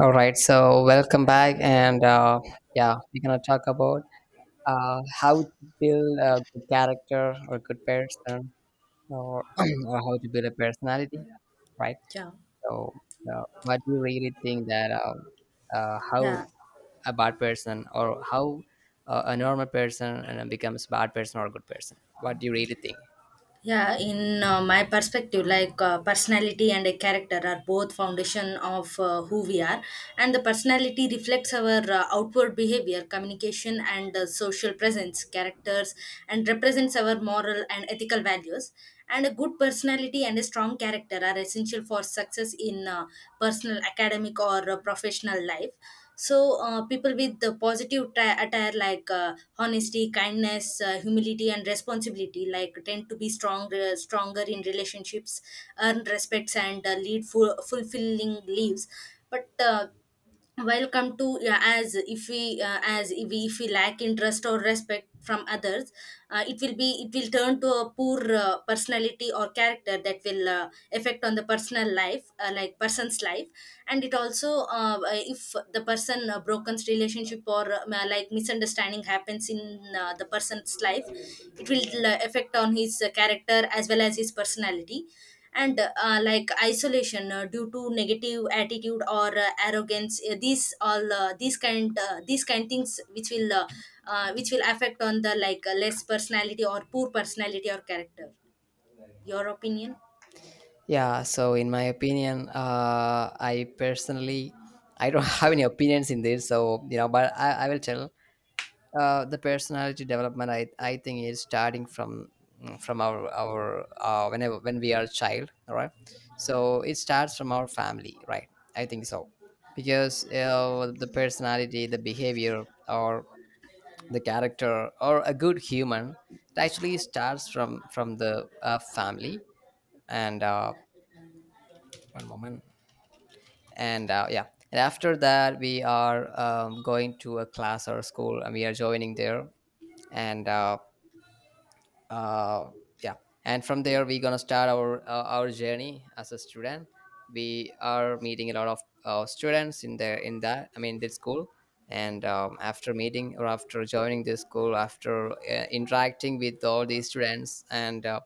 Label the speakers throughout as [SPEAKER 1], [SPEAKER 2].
[SPEAKER 1] All right, so welcome back, and yeah, we're gonna talk about how to build a good character or good person, or or how to build a personality, right?
[SPEAKER 2] Yeah,
[SPEAKER 1] So, what do you really think that how
[SPEAKER 2] yeah,
[SPEAKER 1] a bad person or how a normal person and then becomes a bad person or a good person? What do you really think?
[SPEAKER 2] yeah. In my perspective, like personality and a character are both foundation of who we are, and the personality reflects our outward behavior, communication, and social presence, characters, and represents our moral and ethical values. And a good personality and a strong character are essential for success in personal, academic, or professional life. So people with the positive attire, like honesty, kindness, humility, and responsibility, like tend to be stronger in relationships, earn respects, and lead full fulfilling lives. But welcome to, yeah, as if we if we lack interest or respect from others, it will turn to a poor personality or character that will affect on the personal life, like person's life. And it also, if the person broken's relationship, or like misunderstanding happens in the person's life, it will affect on his character as well as his personality. And like isolation due to negative attitude, or arrogance, these kind things which will affect on the, like, less personality or poor personality or character. Your opinion?
[SPEAKER 1] Yeah, so in my opinion, I personally I don't have any opinions in this, so but I will tell the personality development I think is starting from our whenever when we are a child, all right. So it starts from our family, right? I think so. Because the personality, the behavior, or the character, or a good human, it actually starts from the family. And one moment. And yeah, and after that we are going to a class or a school and we are joining there. And uh, uh, yeah, and from there we're gonna start our journey as a student. We are meeting a lot of students in there, in that I mean this school. And after meeting or after joining this school, after interacting with all these students and uh,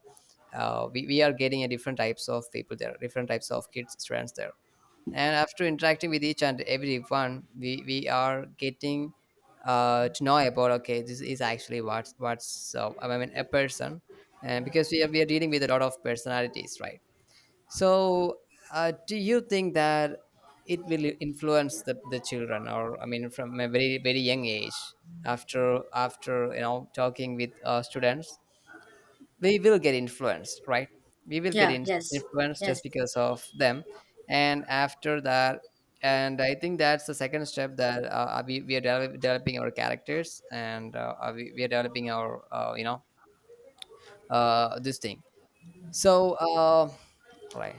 [SPEAKER 1] uh, we, we are getting a different types of people there, different types of kids, students there. And after interacting with each and every one, we are getting to know about, okay, this is actually what's I mean a person. And because we are dealing with a lot of personalities, right? So, do you think that it will influence the children, or I mean, from a very very young age, after talking with students, we will get influenced, right? we will get
[SPEAKER 2] Yeah.
[SPEAKER 1] in-
[SPEAKER 2] Yes.
[SPEAKER 1] Influenced just
[SPEAKER 2] Yes.
[SPEAKER 1] because of them. And after that, and I think that's the second step, that developing our characters, and we are developing our, this thing. So, right.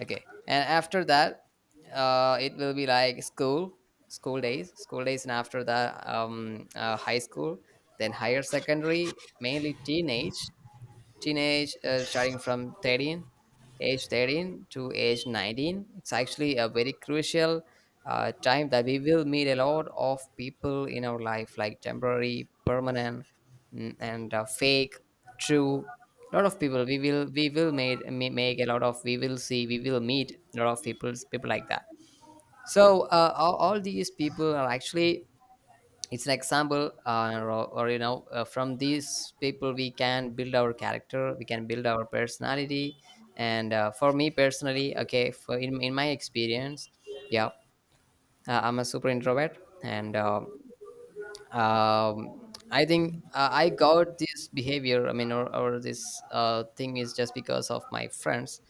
[SPEAKER 1] Okay. And after that, it will be like school, school days, and after that, high school, then higher secondary, mainly teenage. Teenage, starting from 13. Age 13 to age 19, it's actually a very crucial time that we will meet a lot of people in our life, like temporary, permanent, and fake, true. A lot of people we will, make a lot of, we will see, we will meet a lot of people, people like that. So all these people are actually, it's an example, or, you know from these people we can build our character, we can build our personality. And for me personally, okay, in my experience, yeah, I'm a super introvert. And I think I got this behavior. I mean, or this thing is just because of my friends,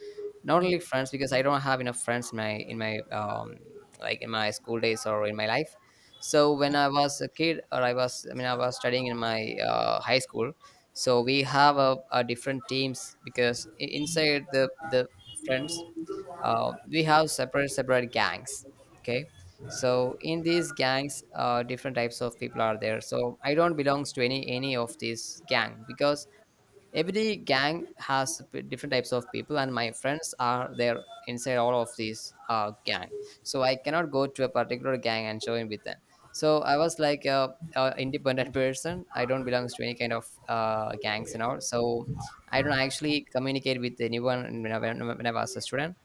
[SPEAKER 1] not only friends, because I don't have enough friends in my in my, like in my school days or in my life. So when I was a kid, or I was, I mean, I was studying in my high school. So we have a different teams, because inside the friends, we have separate gangs. Okay, so in these gangs, different types of people are there. So I don't belongs to any of these gang, because every gang has different types of people, and my friends are there inside all of these gang. So I cannot go to a particular gang and join with them. So I was like a independent person. I don't belongs to any kind of gangs and all. So I don't actually communicate with anyone when when I was a student.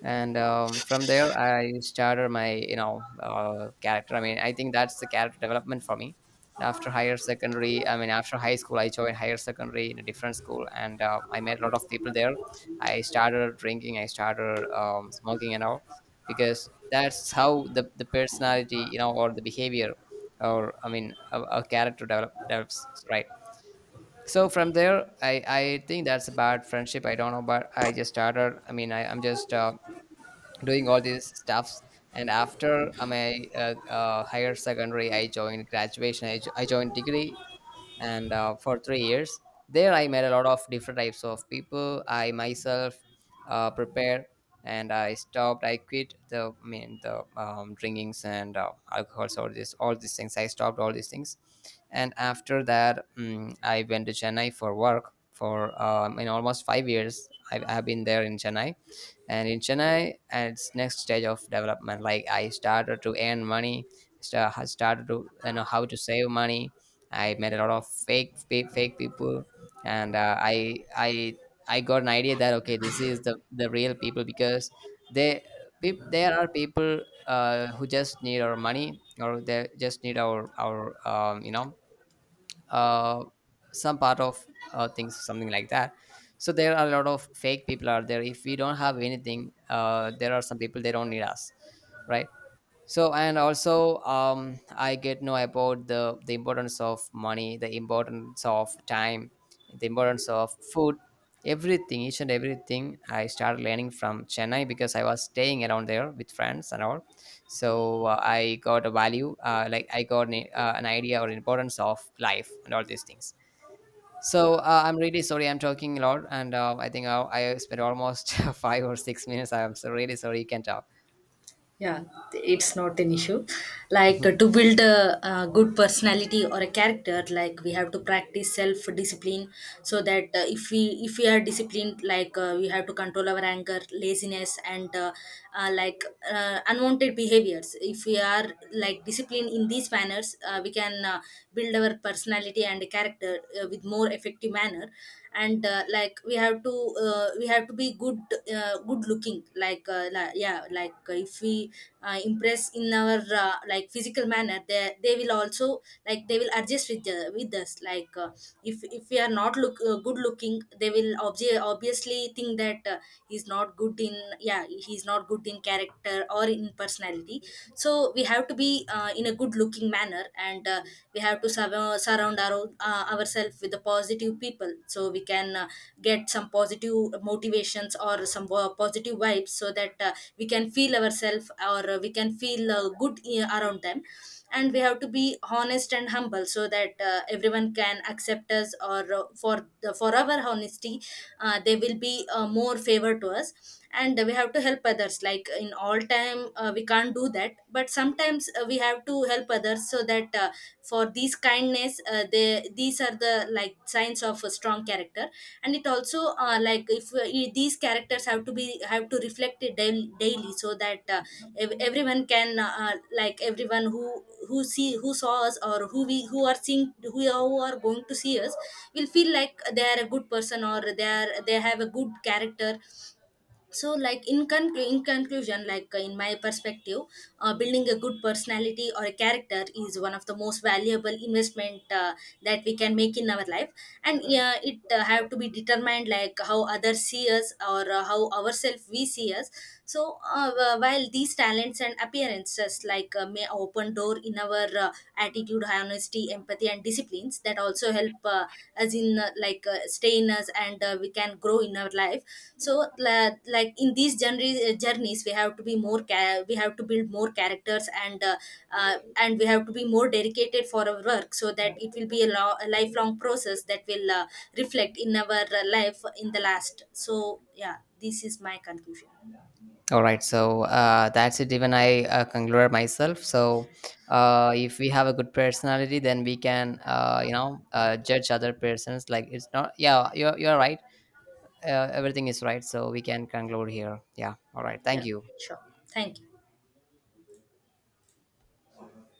[SPEAKER 1] And from there I started my, you know, character. I mean, I think that's the character development for me. After higher secondary, I mean after high school, I joined higher secondary in a different school, and I met a lot of people there. I started drinking, I started smoking and all, because that's how the personality, you know, or the behavior, or I mean a, a character develops, right? So from there, I think that's a bad friendship. I don't know, but I just started. I mean, I'm just doing all these stuffs. And after my higher secondary, I joined graduation. I joined degree. And for 3 years there, I met a lot of different types of people. I myself prepared, and I quit the I mean the drinkings and alcohols. All this all these things, I stopped all these things. And after that, I went to Chennai for work for, in almost 5 years, I've been there in Chennai. And in Chennai, at its next stage of development, like, I started to earn money, started to, you know, how to save money. I met a lot of fake people, and I got an idea that, okay, this is the real people. Because they, peop there are people who just need our money, or they just need our, our uh, some part of things, something like that. So there are a lot of fake people out there. If we don't have anything, there are some people, they don't need us, right? So, and also, I get know about the importance of money, the importance of time, the importance of food, everything, each and everything I started learning from Chennai, because I was staying around there with friends and all. So, I got a value, like I got an idea or importance of life and all these things. So, I'm really sorry, I'm talking a lot, and I think I spent almost 5 or 6 minutes. I'm so really sorry, you can talk.
[SPEAKER 2] Yeah, it's not an issue. Like to build a good personality or a character, like we have to practice self-discipline, so that if we are disciplined, like we have to control our anger, laziness, and like unwanted behaviors. If we are like disciplined in these manners, we can build our personality and character with more effective manner. And like we have to be good, good looking, like yeah, like if we impress in our like physical manner, they will also, like, they will adjust with us, like if we are not look good looking, they will obviously think that he's not good in, yeah, he's not good in character or in personality. So we have to be in a good looking manner. And we have to surround ourselves with the positive people, so we can get some positive motivations or some positive vibes, so that we can feel ourselves, or we can feel, good around them. And we have to be honest and humble so that everyone can accept us, or for for our honesty, they will be more favor to us. And we have to help others, like, in all time we can't do that, but sometimes we have to help others, so that for these kindness, they these are the, like, signs of a strong character. And it also, like, if these characters have to be, have to reflect it daily, daily, so that everyone can like, everyone who saw us, or who are seeing, who are going to see us, will feel like they are a good person, or they are, they have a good character. So like, in conclusion, like in my perspective, building a good personality or a character is one of the most valuable investment that we can make in our life. And it have to be determined, like, how others see us, or how ourselves we see us. So while these talents and appearances, like may open door in our attitude, honesty, empathy, and disciplines, that also help us in, like, stay in us, and we can grow in our life. So like in these journeys we have to be we have to build more characters, and we have to be more dedicated for our work, so that it will be a, a lifelong process that will reflect in our life in the last. So yeah, this is my conclusion.
[SPEAKER 1] All right, so that's it. Even I concluded myself. So, if we have a good personality, then we can, judge other persons. Like, it's not. Yeah, you're right. Everything is right. So we can conclude here. Yeah. All right. Thank
[SPEAKER 2] Yeah.
[SPEAKER 1] you.
[SPEAKER 2] Sure. Thank you.